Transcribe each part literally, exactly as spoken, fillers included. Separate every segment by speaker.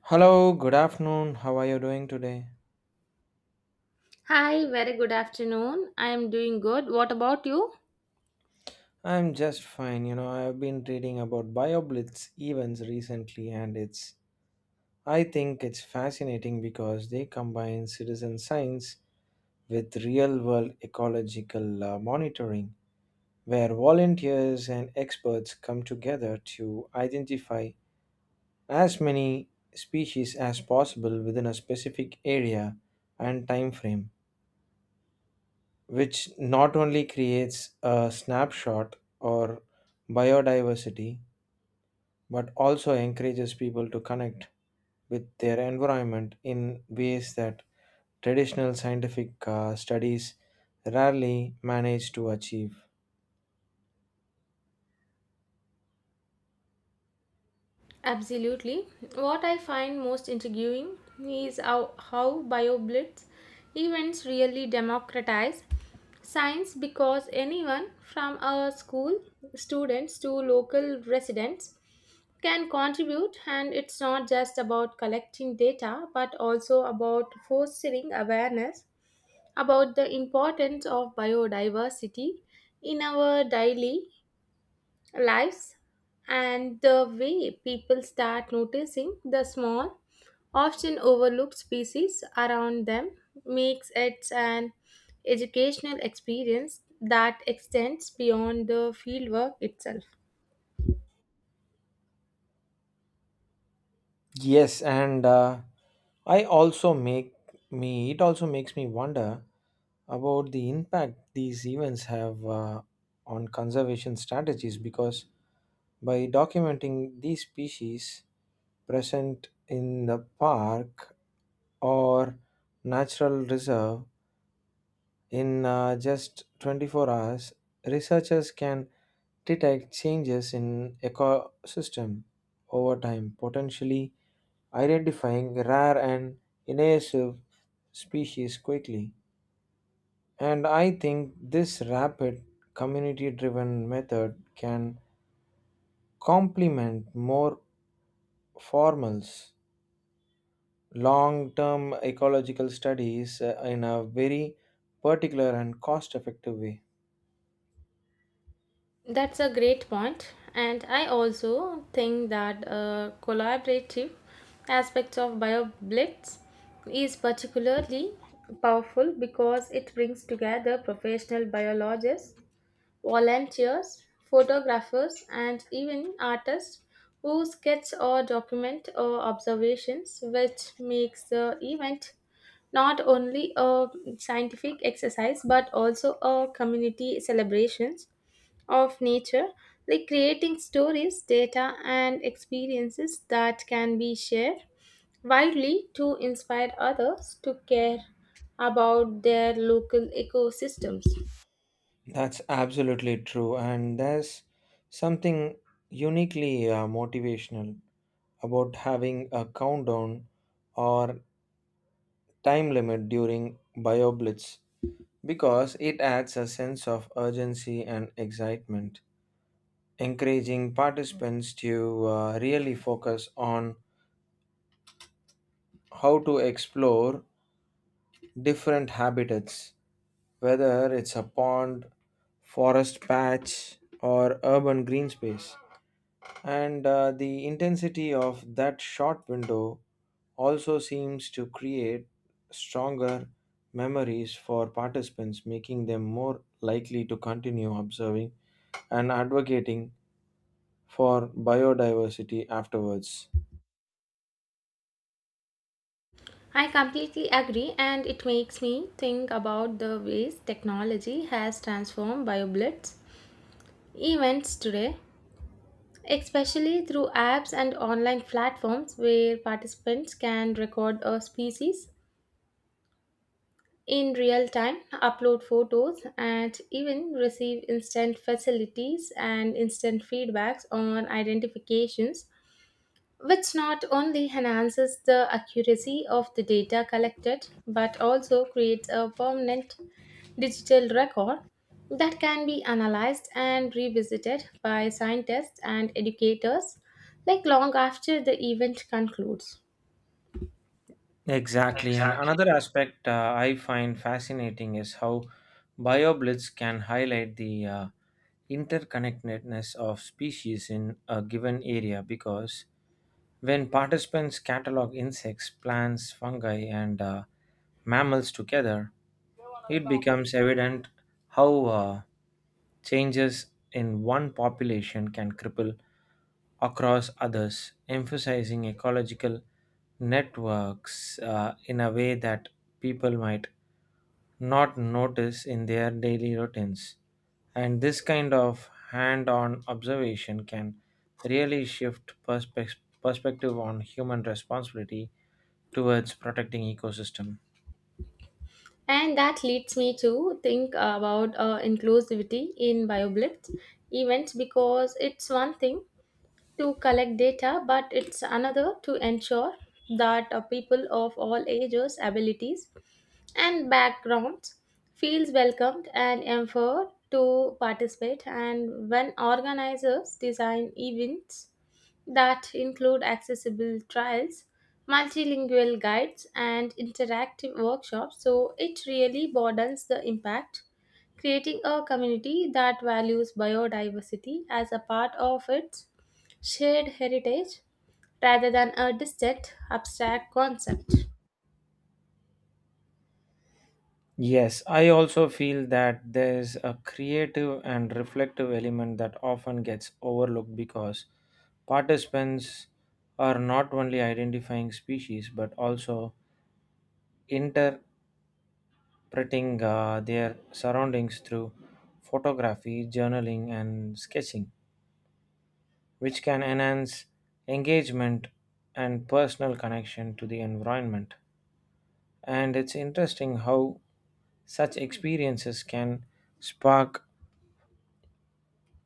Speaker 1: Hello, good afternoon. How are you doing today?
Speaker 2: Hi, very good afternoon. I am doing good. What about you?
Speaker 1: I'm just fine. You know, I've been reading about BioBlitz events recently and it's I think it's fascinating because they combine citizen science with real-world ecological uh, monitoring where volunteers and experts come together to identify as many species as possible within a specific area and time frame, which not only creates a snapshot or biodiversity but also encourages people to connect with their environment in ways that traditional scientific uh, studies rarely manage to achieve.
Speaker 2: Absolutely. What I find most intriguing is how, how BioBlitz events really democratize science because anyone from our school students to local residents can contribute, and it's not just about collecting data but also about fostering awareness about the importance of biodiversity in our daily lives. And the way people start noticing the small, often overlooked species around them makes it an educational experience that extends beyond the fieldwork itself.
Speaker 1: Yes, and uh, I also make me it also makes me wonder about the impact these events have uh, on conservation strategies because by documenting these species present in the park or natural reserve in uh, just twenty-four hours, researchers can detect changes in ecosystem over time, potentially identifying rare and invasive species quickly. And I think this rapid community driven method can complement more formals long term ecological studies uh, in a very particular and cost effective way.
Speaker 2: That's a great point, and I also think that uh, collaborative aspects of BioBlitz is particularly powerful because it brings together professional biologists, volunteers, photographers, and even artists who sketch or document or observations, which makes the event not only a scientific exercise but also a community celebrations of nature, like creating stories, data, and experiences that can be shared widely to inspire others to care about their local ecosystems.
Speaker 1: That's absolutely true, and there's something uniquely uh, motivational about having a countdown or time limit during BioBlitz because it adds a sense of urgency and excitement, encouraging participants to uh, really focus on how to explore different habitats, whether it's a pond, forest patch, or urban green space. And uh, the intensity of that short window also seems to create stronger memories for participants, making them more likely to continue observing and advocating for biodiversity afterwards.
Speaker 2: I completely agree, and it makes me think about the ways technology has transformed BioBlitz events today, especially through apps and online platforms where participants can record a species in real time, upload photos, and even receive instant facilities and instant feedbacks on identifications, which not only enhances the accuracy of the data collected but also creates a permanent digital record that can be analyzed and revisited by scientists and educators, like long after the event concludes.
Speaker 1: Exactly. And
Speaker 2: Exactly.
Speaker 1: another aspect uh, I find fascinating is how BioBlitz can highlight the uh, interconnectedness of species in a given area because when participants catalog insects, plants, fungi, and uh, mammals together, it becomes evident how uh, changes in one population can cripple across others, emphasizing ecological networks uh, in a way that people might not notice in their daily routines. And this kind of hand on observation can really shift perspe- perspective on human responsibility towards protecting ecosystem.
Speaker 2: And that leads me to think about uh, inclusivity in BioBlitz events, because it's one thing to collect data, but it's another to ensure that uh, people of all ages, abilities, and backgrounds feels welcomed and empowered to participate. And when organizers design events that include accessible trials, multilingual guides, and interactive workshops, so it really broadens the impact, creating a community that values biodiversity as a part of its shared heritage rather than a distant, abstract concept.
Speaker 1: Yes, I also feel that there's a creative and reflective element that often gets overlooked because participants are not only identifying species but also printing uh, their surroundings through photography, journaling, and sketching, which can enhance engagement and personal connection to the environment. And it's interesting how such experiences can spark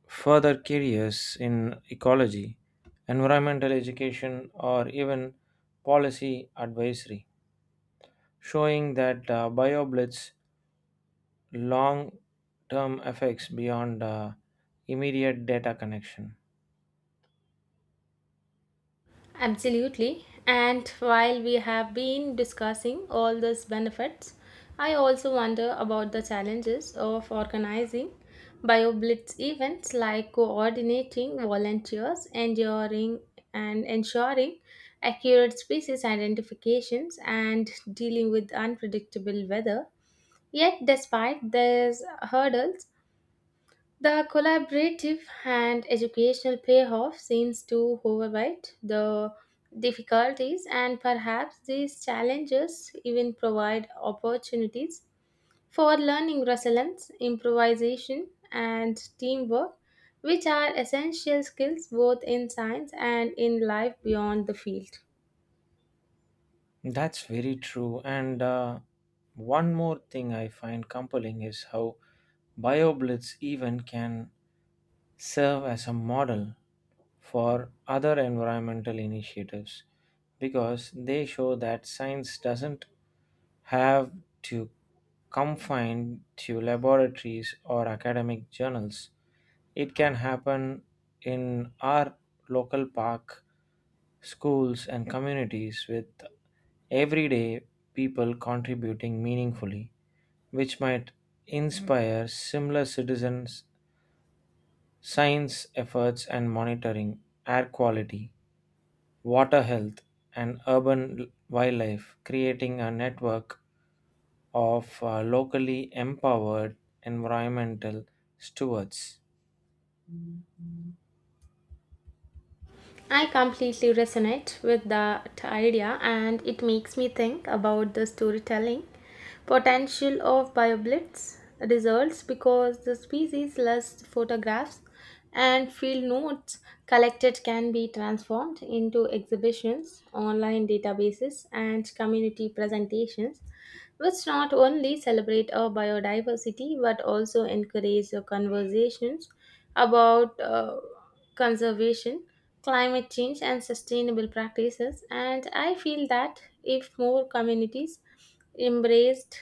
Speaker 1: further careers in ecology, environmental education, or even policy advisory, showing that uh, BioBlitz long term effects beyond uh, immediate data connection.
Speaker 2: Absolutely. And while we have been discussing all these benefits, I also wonder about the challenges of organizing BioBlitz events, like coordinating volunteers, enduring and ensuring accurate species identifications, and dealing with unpredictable weather. Yet despite these hurdles, the collaborative and educational payoff seems to overwrite the difficulties, and perhaps these challenges even provide opportunities for learning resilience, improvisation, and teamwork, which are essential skills both in science and in life beyond the field.
Speaker 1: That's very true. And uh, one more thing I find compelling is how BioBlitz even can serve as a model for other environmental initiatives because they show that science doesn't have to confined to laboratories or academic journals. It can happen in our local park, schools, and communities with everyday people contributing meaningfully, which might inspire similar citizens' science efforts and monitoring air quality water health, and urban wildlife, creating a network of uh, locally empowered environmental stewards.
Speaker 2: I completely resonate with that idea, and it makes me think about the storytelling potential of BioBlitz results, because the species less photographs and field notes collected can be transformed into exhibitions, online databases, and community presentations, which not only celebrate our biodiversity but also encourage the conversations about uh, conservation, climate change, and sustainable practices. And I feel that if more communities embraced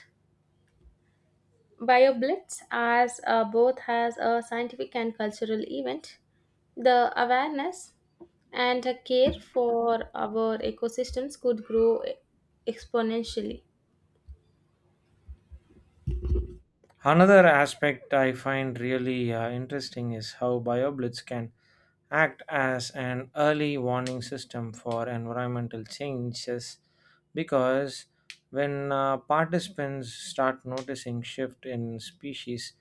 Speaker 2: BioBlitz as uh, both as a scientific and cultural event, the awareness and the care for our ecosystems could grow exponentially.
Speaker 1: Another aspect I find really uh, interesting is how BioBlitz can act as an early warning system for environmental changes because when uh, participants start noticing shift in species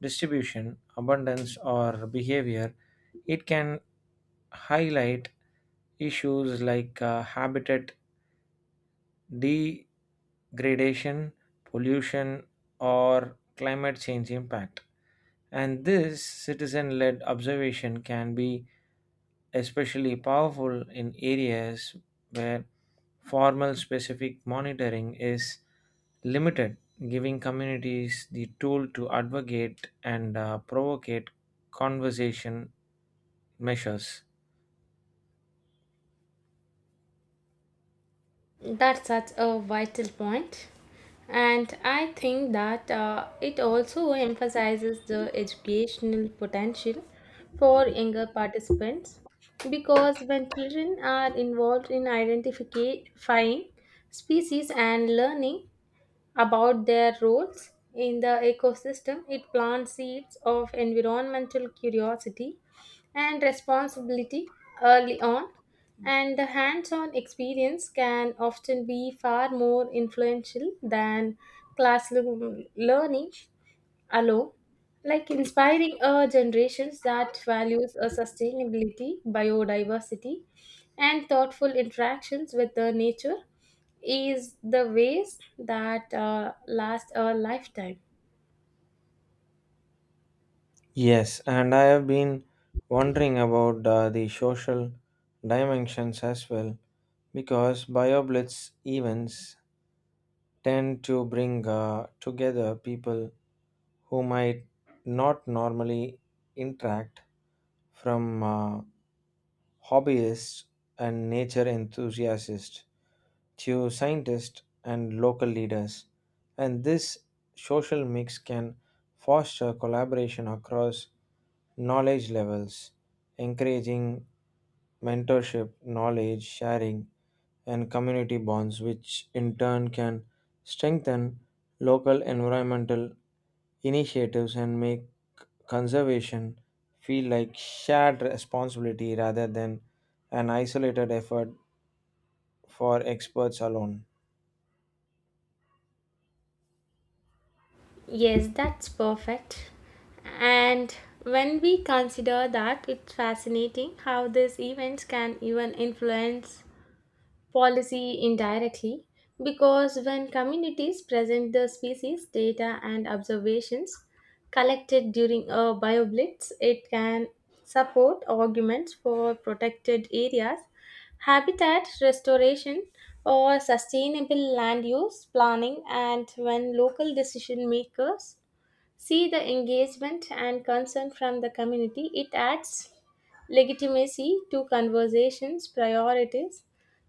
Speaker 1: distribution, abundance or behavior, it can highlight issues like uh, habitat degradation, pollution, or climate change impact. And this citizen led observation can be especially powerful in areas where formal specific monitoring is limited, giving communities the tool to advocate and uh, provocate conversation measures.
Speaker 2: That's such a vital point. And I think that uh, it also emphasizes the educational potential for younger participants, because when children are involved in identifying species and learning about their roles in the ecosystem, it plants seeds of environmental curiosity and responsibility early on. And the hands on experience can often be far more influential than classroom learning allow, like inspiring uh, generations that values a sustainability biodiversity and thoughtful interactions with the nature is the ways that uh, last a lifetime.
Speaker 1: Yes, and I have been wondering about uh, the social dimensions as well because BioBlitz events tend to bring uh, together people who might not normally interact from uh, hobbyists and nature enthusiasts to scientists and local leaders. And this social mix can foster collaboration across knowledge levels, encouraging mentorship, knowledge sharing, and community bonds, which in turn can strengthen local environmental initiatives and make conservation feel like shared responsibility rather than an isolated effort for experts alone.
Speaker 2: Yes, that's perfect. And when we consider that, it's fascinating how these events can even influence policy indirectly, because when communities present the species data and observations collected during a bioblitz, it can support arguments for protected areas, habitat restoration, or sustainable land use planning. And when local decision makers see the engagement and concern from the community, it adds legitimacy to conversations, priorities,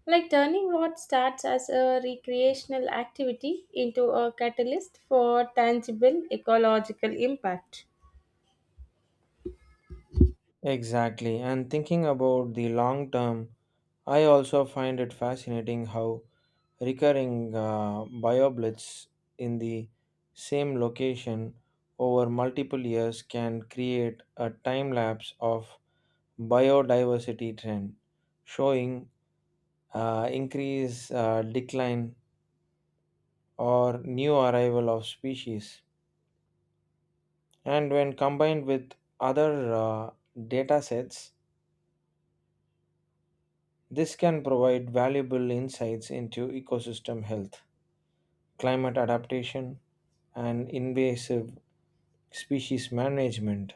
Speaker 2: like turning what starts as a recreational activity into a catalyst for tangible ecological impact.
Speaker 1: Exactly, and thinking about the long term, I also find it fascinating how recurring uh, bioblitz in the same location over multiple years can create a time lapse of biodiversity trend, showing uh, increase, uh, decline, or new arrival of species. And when combined with other uh, data sets, this can provide valuable insights into ecosystem health, climate adaptation, and invasive species management,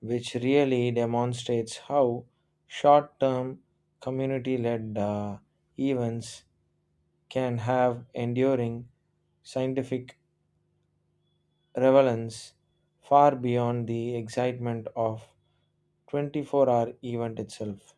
Speaker 1: which really demonstrates how short term community led events can have enduring scientific relevance far beyond the excitement of twenty-four hour event itself.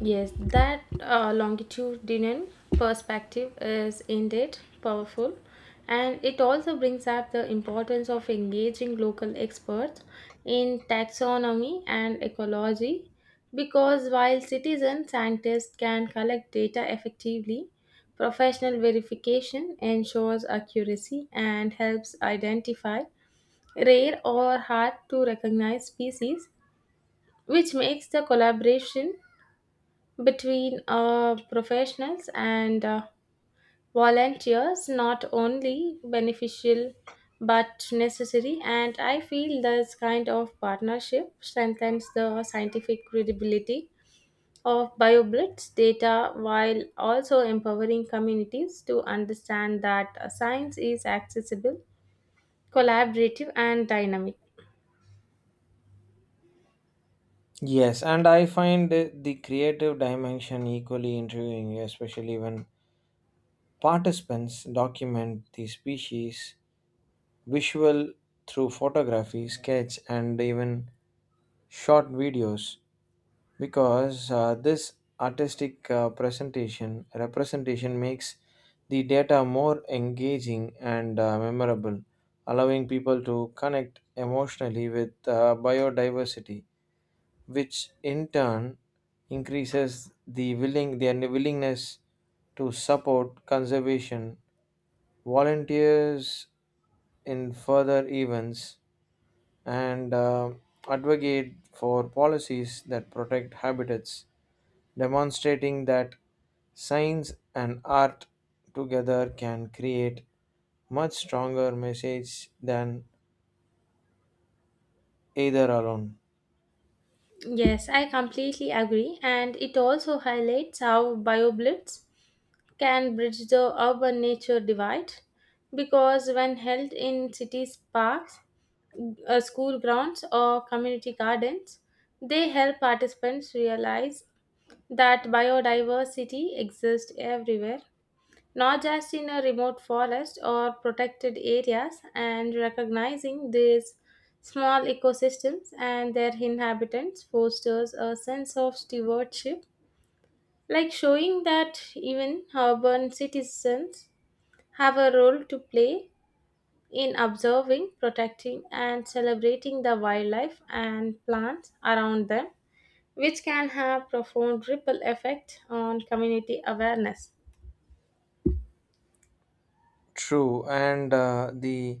Speaker 2: Yes, that uh, longitudinal perspective is indeed powerful, and it also brings up the importance of engaging local experts in taxonomy and ecology. Because while citizen scientists can collect data effectively, professional verification ensures accuracy and helps identify rare or hard to recognize species, which makes the collaboration between uh, professionals and uh, volunteers not only beneficial but necessary. And I feel this kind of partnership strengthens the scientific credibility of bioblitz data while also empowering communities to understand that uh, science is accessible, collaborative, and dynamic.
Speaker 1: Yes, and I find the creative dimension equally intriguing, especially when participants document the species' visual through photography, sketch, and even short videos because uh, this artistic uh, presentation representation makes the data more engaging and uh, memorable, allowing people to connect emotionally with uh, biodiversity, which in turn increases the willing their willingness to support conservation volunteers in further events, and uh, advocate for policies that protect habitats, demonstrating that science and art together can create much stronger message than either alone.
Speaker 2: Yes, I completely agree, and it also highlights how bioblitz can bridge the urban nature divide, because when held in cities parks, uh, school grounds, or community gardens, they help participants realize that biodiversity exists everywhere, not just in a remote forest or protected areas. And recognizing these small ecosystems and their inhabitants fosters a sense of stewardship, like showing that even urban citizens have a role to play in observing, protecting, and celebrating the wildlife and plants around them, which can have profound ripple effect on community awareness.
Speaker 1: True, and uh, the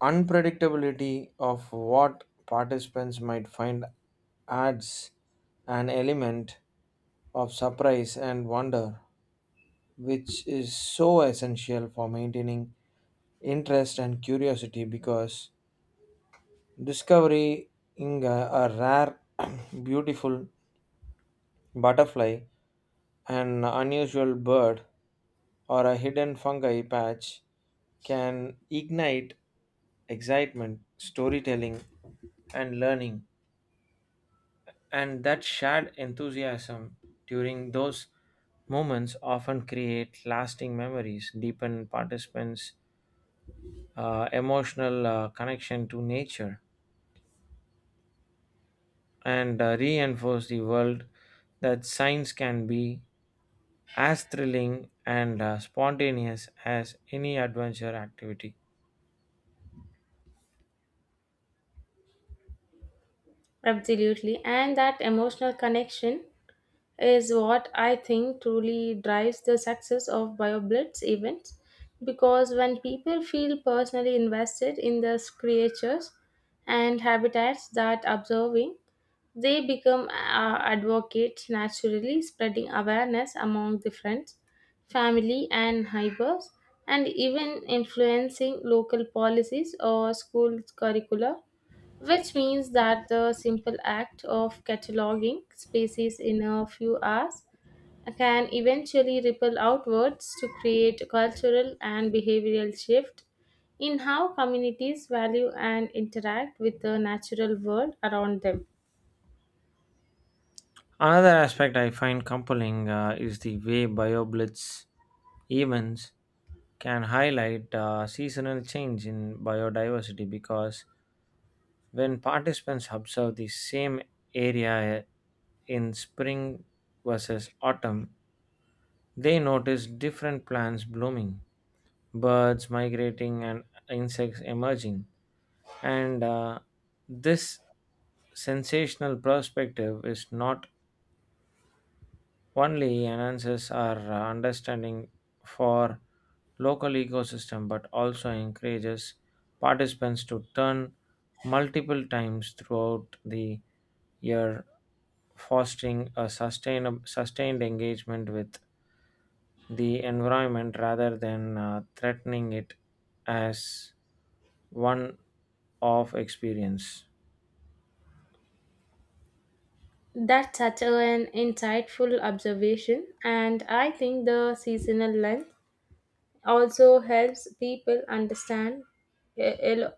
Speaker 1: unpredictability of what participants might find adds an element of surprise and wonder which is so essential for maintaining interest and curiosity because discovering a a rare, beautiful butterfly, an unusual bird, or a hidden fungi patch can ignite excitement, storytelling, and learning. And that shared enthusiasm during those moments often create lasting memories, deepen participants' uh, emotional uh, connection to nature and uh, reinforce the world that science can be as thrilling and uh, spontaneous as any adventure activity.
Speaker 2: Absolutely, and that emotional connection is what I think truly drives the success of BioBlitz events, because when people feel personally invested in the creatures and habitats that observing, they become uh, advocates naturally, spreading awareness among the friends, family, and neighbors, and even influencing local policies or school curricula, which means that the simple act of cataloging species in a few hours can eventually ripple outwards to create cultural and behavioral shift in how communities value and interact with the natural world around them.
Speaker 1: Another aspect I find compelling uh, is the way BioBlitz events can highlight uh, seasonal change in biodiversity because when participants observe the same area in spring versus autumn, they notice different plants blooming, birds migrating, and insects emerging. And uh, this sensational perspective is not only enhances our uh, understanding for local ecosystem but also encourages participants to turn multiple times throughout the year, fostering a sustainable sustained engagement with the environment rather than uh, threatening it as one of experience.
Speaker 2: That's such an insightful observation, and I think the seasonal length also helps people understand e- el-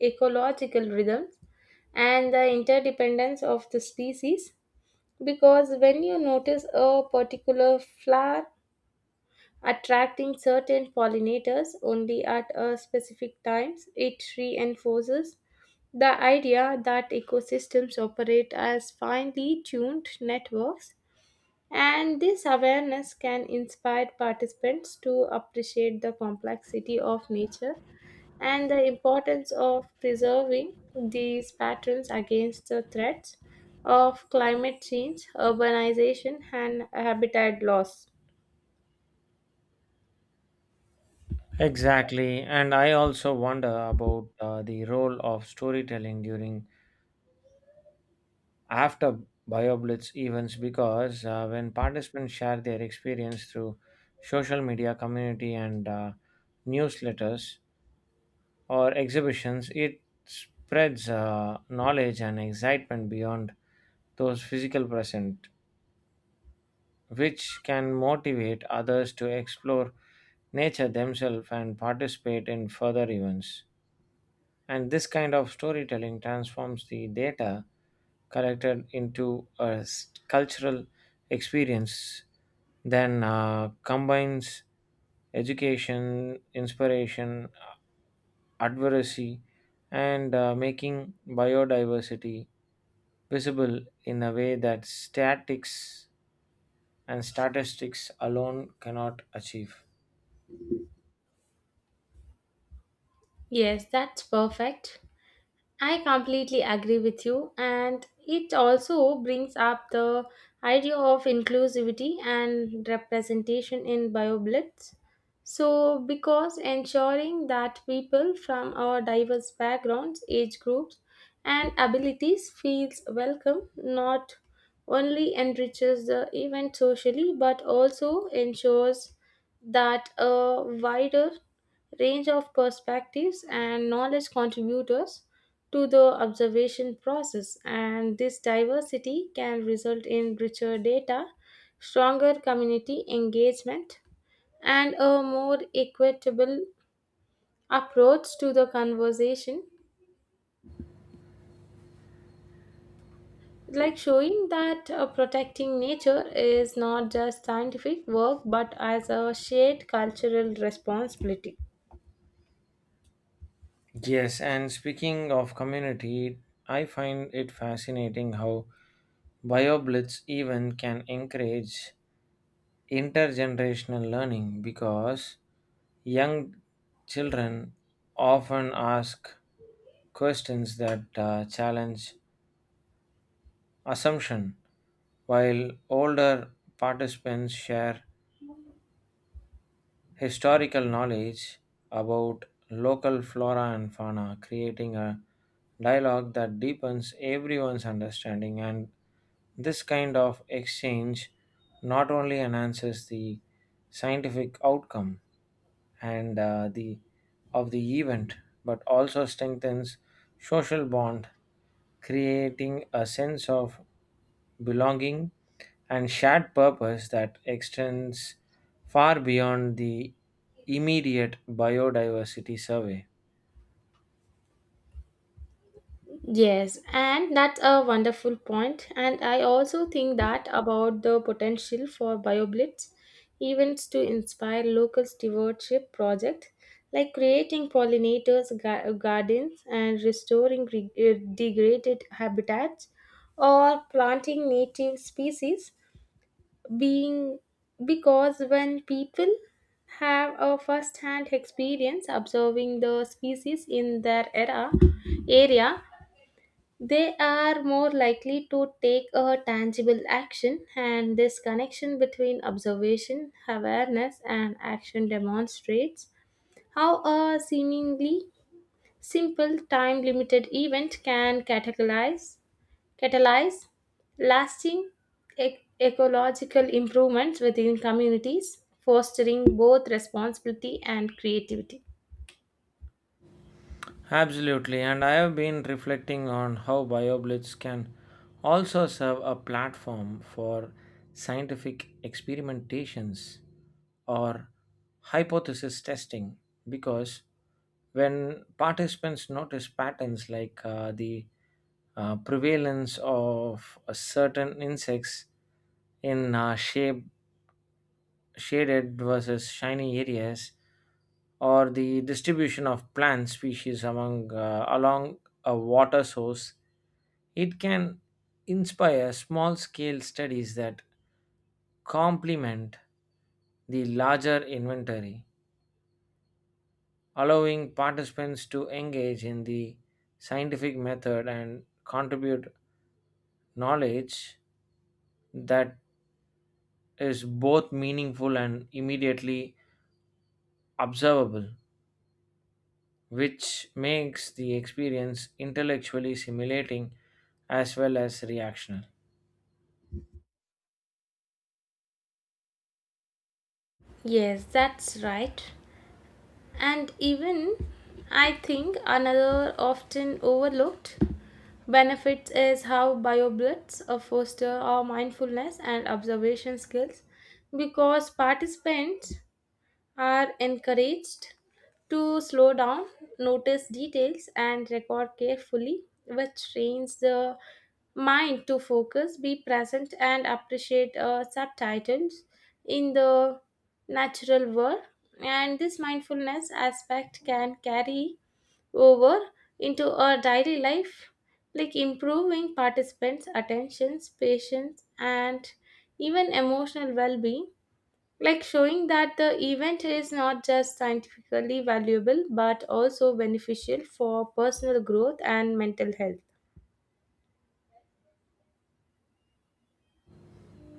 Speaker 2: ecological rhythms and the interdependence of the species. Because when you notice a particular flower attracting certain pollinators only at a specific times, it reinforces the idea that ecosystems operate as finely tuned networks, and this awareness can inspire participants to appreciate the complexity of nature and the importance of preserving these patterns against the threats of climate change, urbanization, and habitat loss.
Speaker 1: Exactly, and I also wonder about uh, the role of storytelling during after BioBlitz events because uh, when participants share their experience through social media, community, and uh, newsletters or exhibitions, it spreads uh, knowledge and excitement beyond those physical present, which can motivate others to explore nature themselves and participate in further events. And this kind of storytelling transforms the data collected into a s- cultural experience then uh, combines education, inspiration, advocacy, and uh, making biodiversity visible in a way that statics and statistics alone cannot achieve.
Speaker 2: Yes, that's perfect. I completely agree with you, and it also brings up the idea of inclusivity and representation in BioBlitz. So, because ensuring that people from our diverse backgrounds, age groups, and abilities feels welcome not only enriches the event socially but also ensures that a wider range of perspectives and knowledge contributors to the observation process, and this diversity can result in richer data, stronger community engagement, and a more equitable approach to the conversation, like showing that uh, protecting nature is not just scientific work but as a shared cultural responsibility.
Speaker 1: Yes, and speaking of community, I find it fascinating how BioBlitz even can encourage intergenerational learning because young children often ask questions that uh, challenge assumption, while older participants share historical knowledge about local flora and fauna, creating a dialogue that deepens everyone's understanding. And this kind of exchange not only enhances the scientific outcome and uh, the of the event but also strengthens social bond creating a sense of belonging and shared purpose that extends far beyond the immediate biodiversity survey.
Speaker 2: Yes, and that's a wonderful point. And I also think that about the potential for BioBlitz events to inspire local stewardship projects, like creating pollinators ga- gardens and restoring re- uh, degraded habitats or planting native species being, because when people have a first hand experience observing the species in their era area, they are more likely to take a tangible action. And this connection between observation, awareness, and action demonstrates how a seemingly simple time limited event can catalyze, catalyze lasting ec- ecological improvements within communities, fostering both responsibility and creativity.
Speaker 1: Absolutely, and I have been reflecting on how BioBlitz can also serve a platform for scientific experimentations or hypothesis testing because when participants notice patterns like uh, the uh, prevalence of a certain insects in uh, shape shaded versus shiny areas, or the distribution of plant species among uh, along a water source, it can inspire small scale studies that complement the larger inventory, allowing participants to engage in the scientific method and contribute knowledge that is both meaningful and immediately observable, which makes the experience intellectually stimulating as well as reactional.
Speaker 2: Yes, that's right. And even I think another often overlooked benefits is how BioBlitz uh, foster our mindfulness and observation skills, because participants are encouraged to slow down, notice details, and record carefully, which trains the mind to focus, be present, and appreciate uh, subtitles in the natural world. And this mindfulness aspect can carry over into our daily life, like improving participants' attentions, patience, and even emotional well being, like showing that the event is not just scientifically valuable but also beneficial for personal growth and mental health.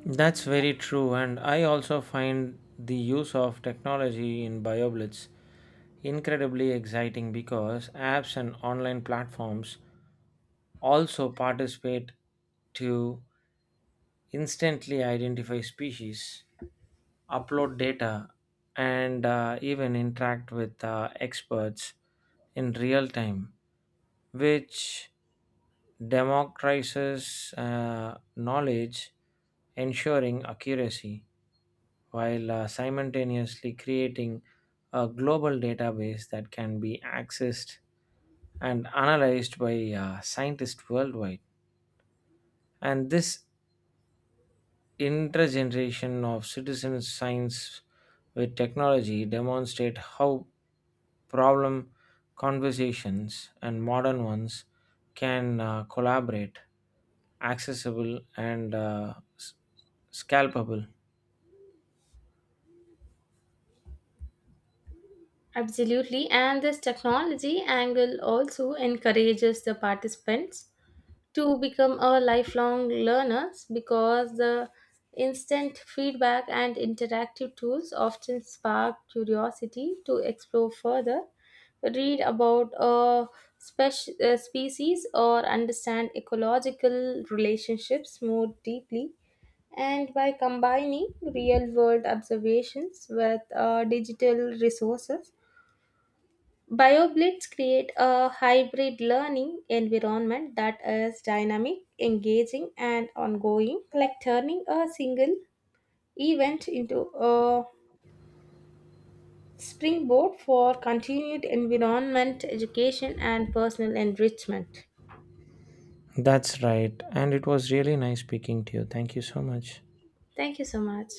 Speaker 1: That's very true, and I also find the use of technology in BioBlitz incredibly exciting because apps and online platforms also participate to instantly identify species, upload data, and uh, even interact with uh, experts in real time, which democratizes uh, knowledge, ensuring accuracy, while uh, simultaneously creating a global database that can be accessed and analyzed by uh, scientists worldwide. And this intergeneration of citizen science with technology demonstrate how problem conversations and modern ones can uh, collaborate accessible and uh, s- scalpable.
Speaker 2: Absolutely, and this technology angle also encourages the participants to become a lifelong learners, because the instant feedback and interactive tools often spark curiosity to explore further, read about a spec- uh, species or understand ecological relationships more deeply. And by combining real world observations with uh, digital resources, BioBlitz create a hybrid learning environment that is dynamic, engaging, and ongoing, like turning a single event into a springboard for continued environment education and personal enrichment.
Speaker 1: That's right, and it was really nice speaking to you. Thank you so much.
Speaker 2: Thank you so much.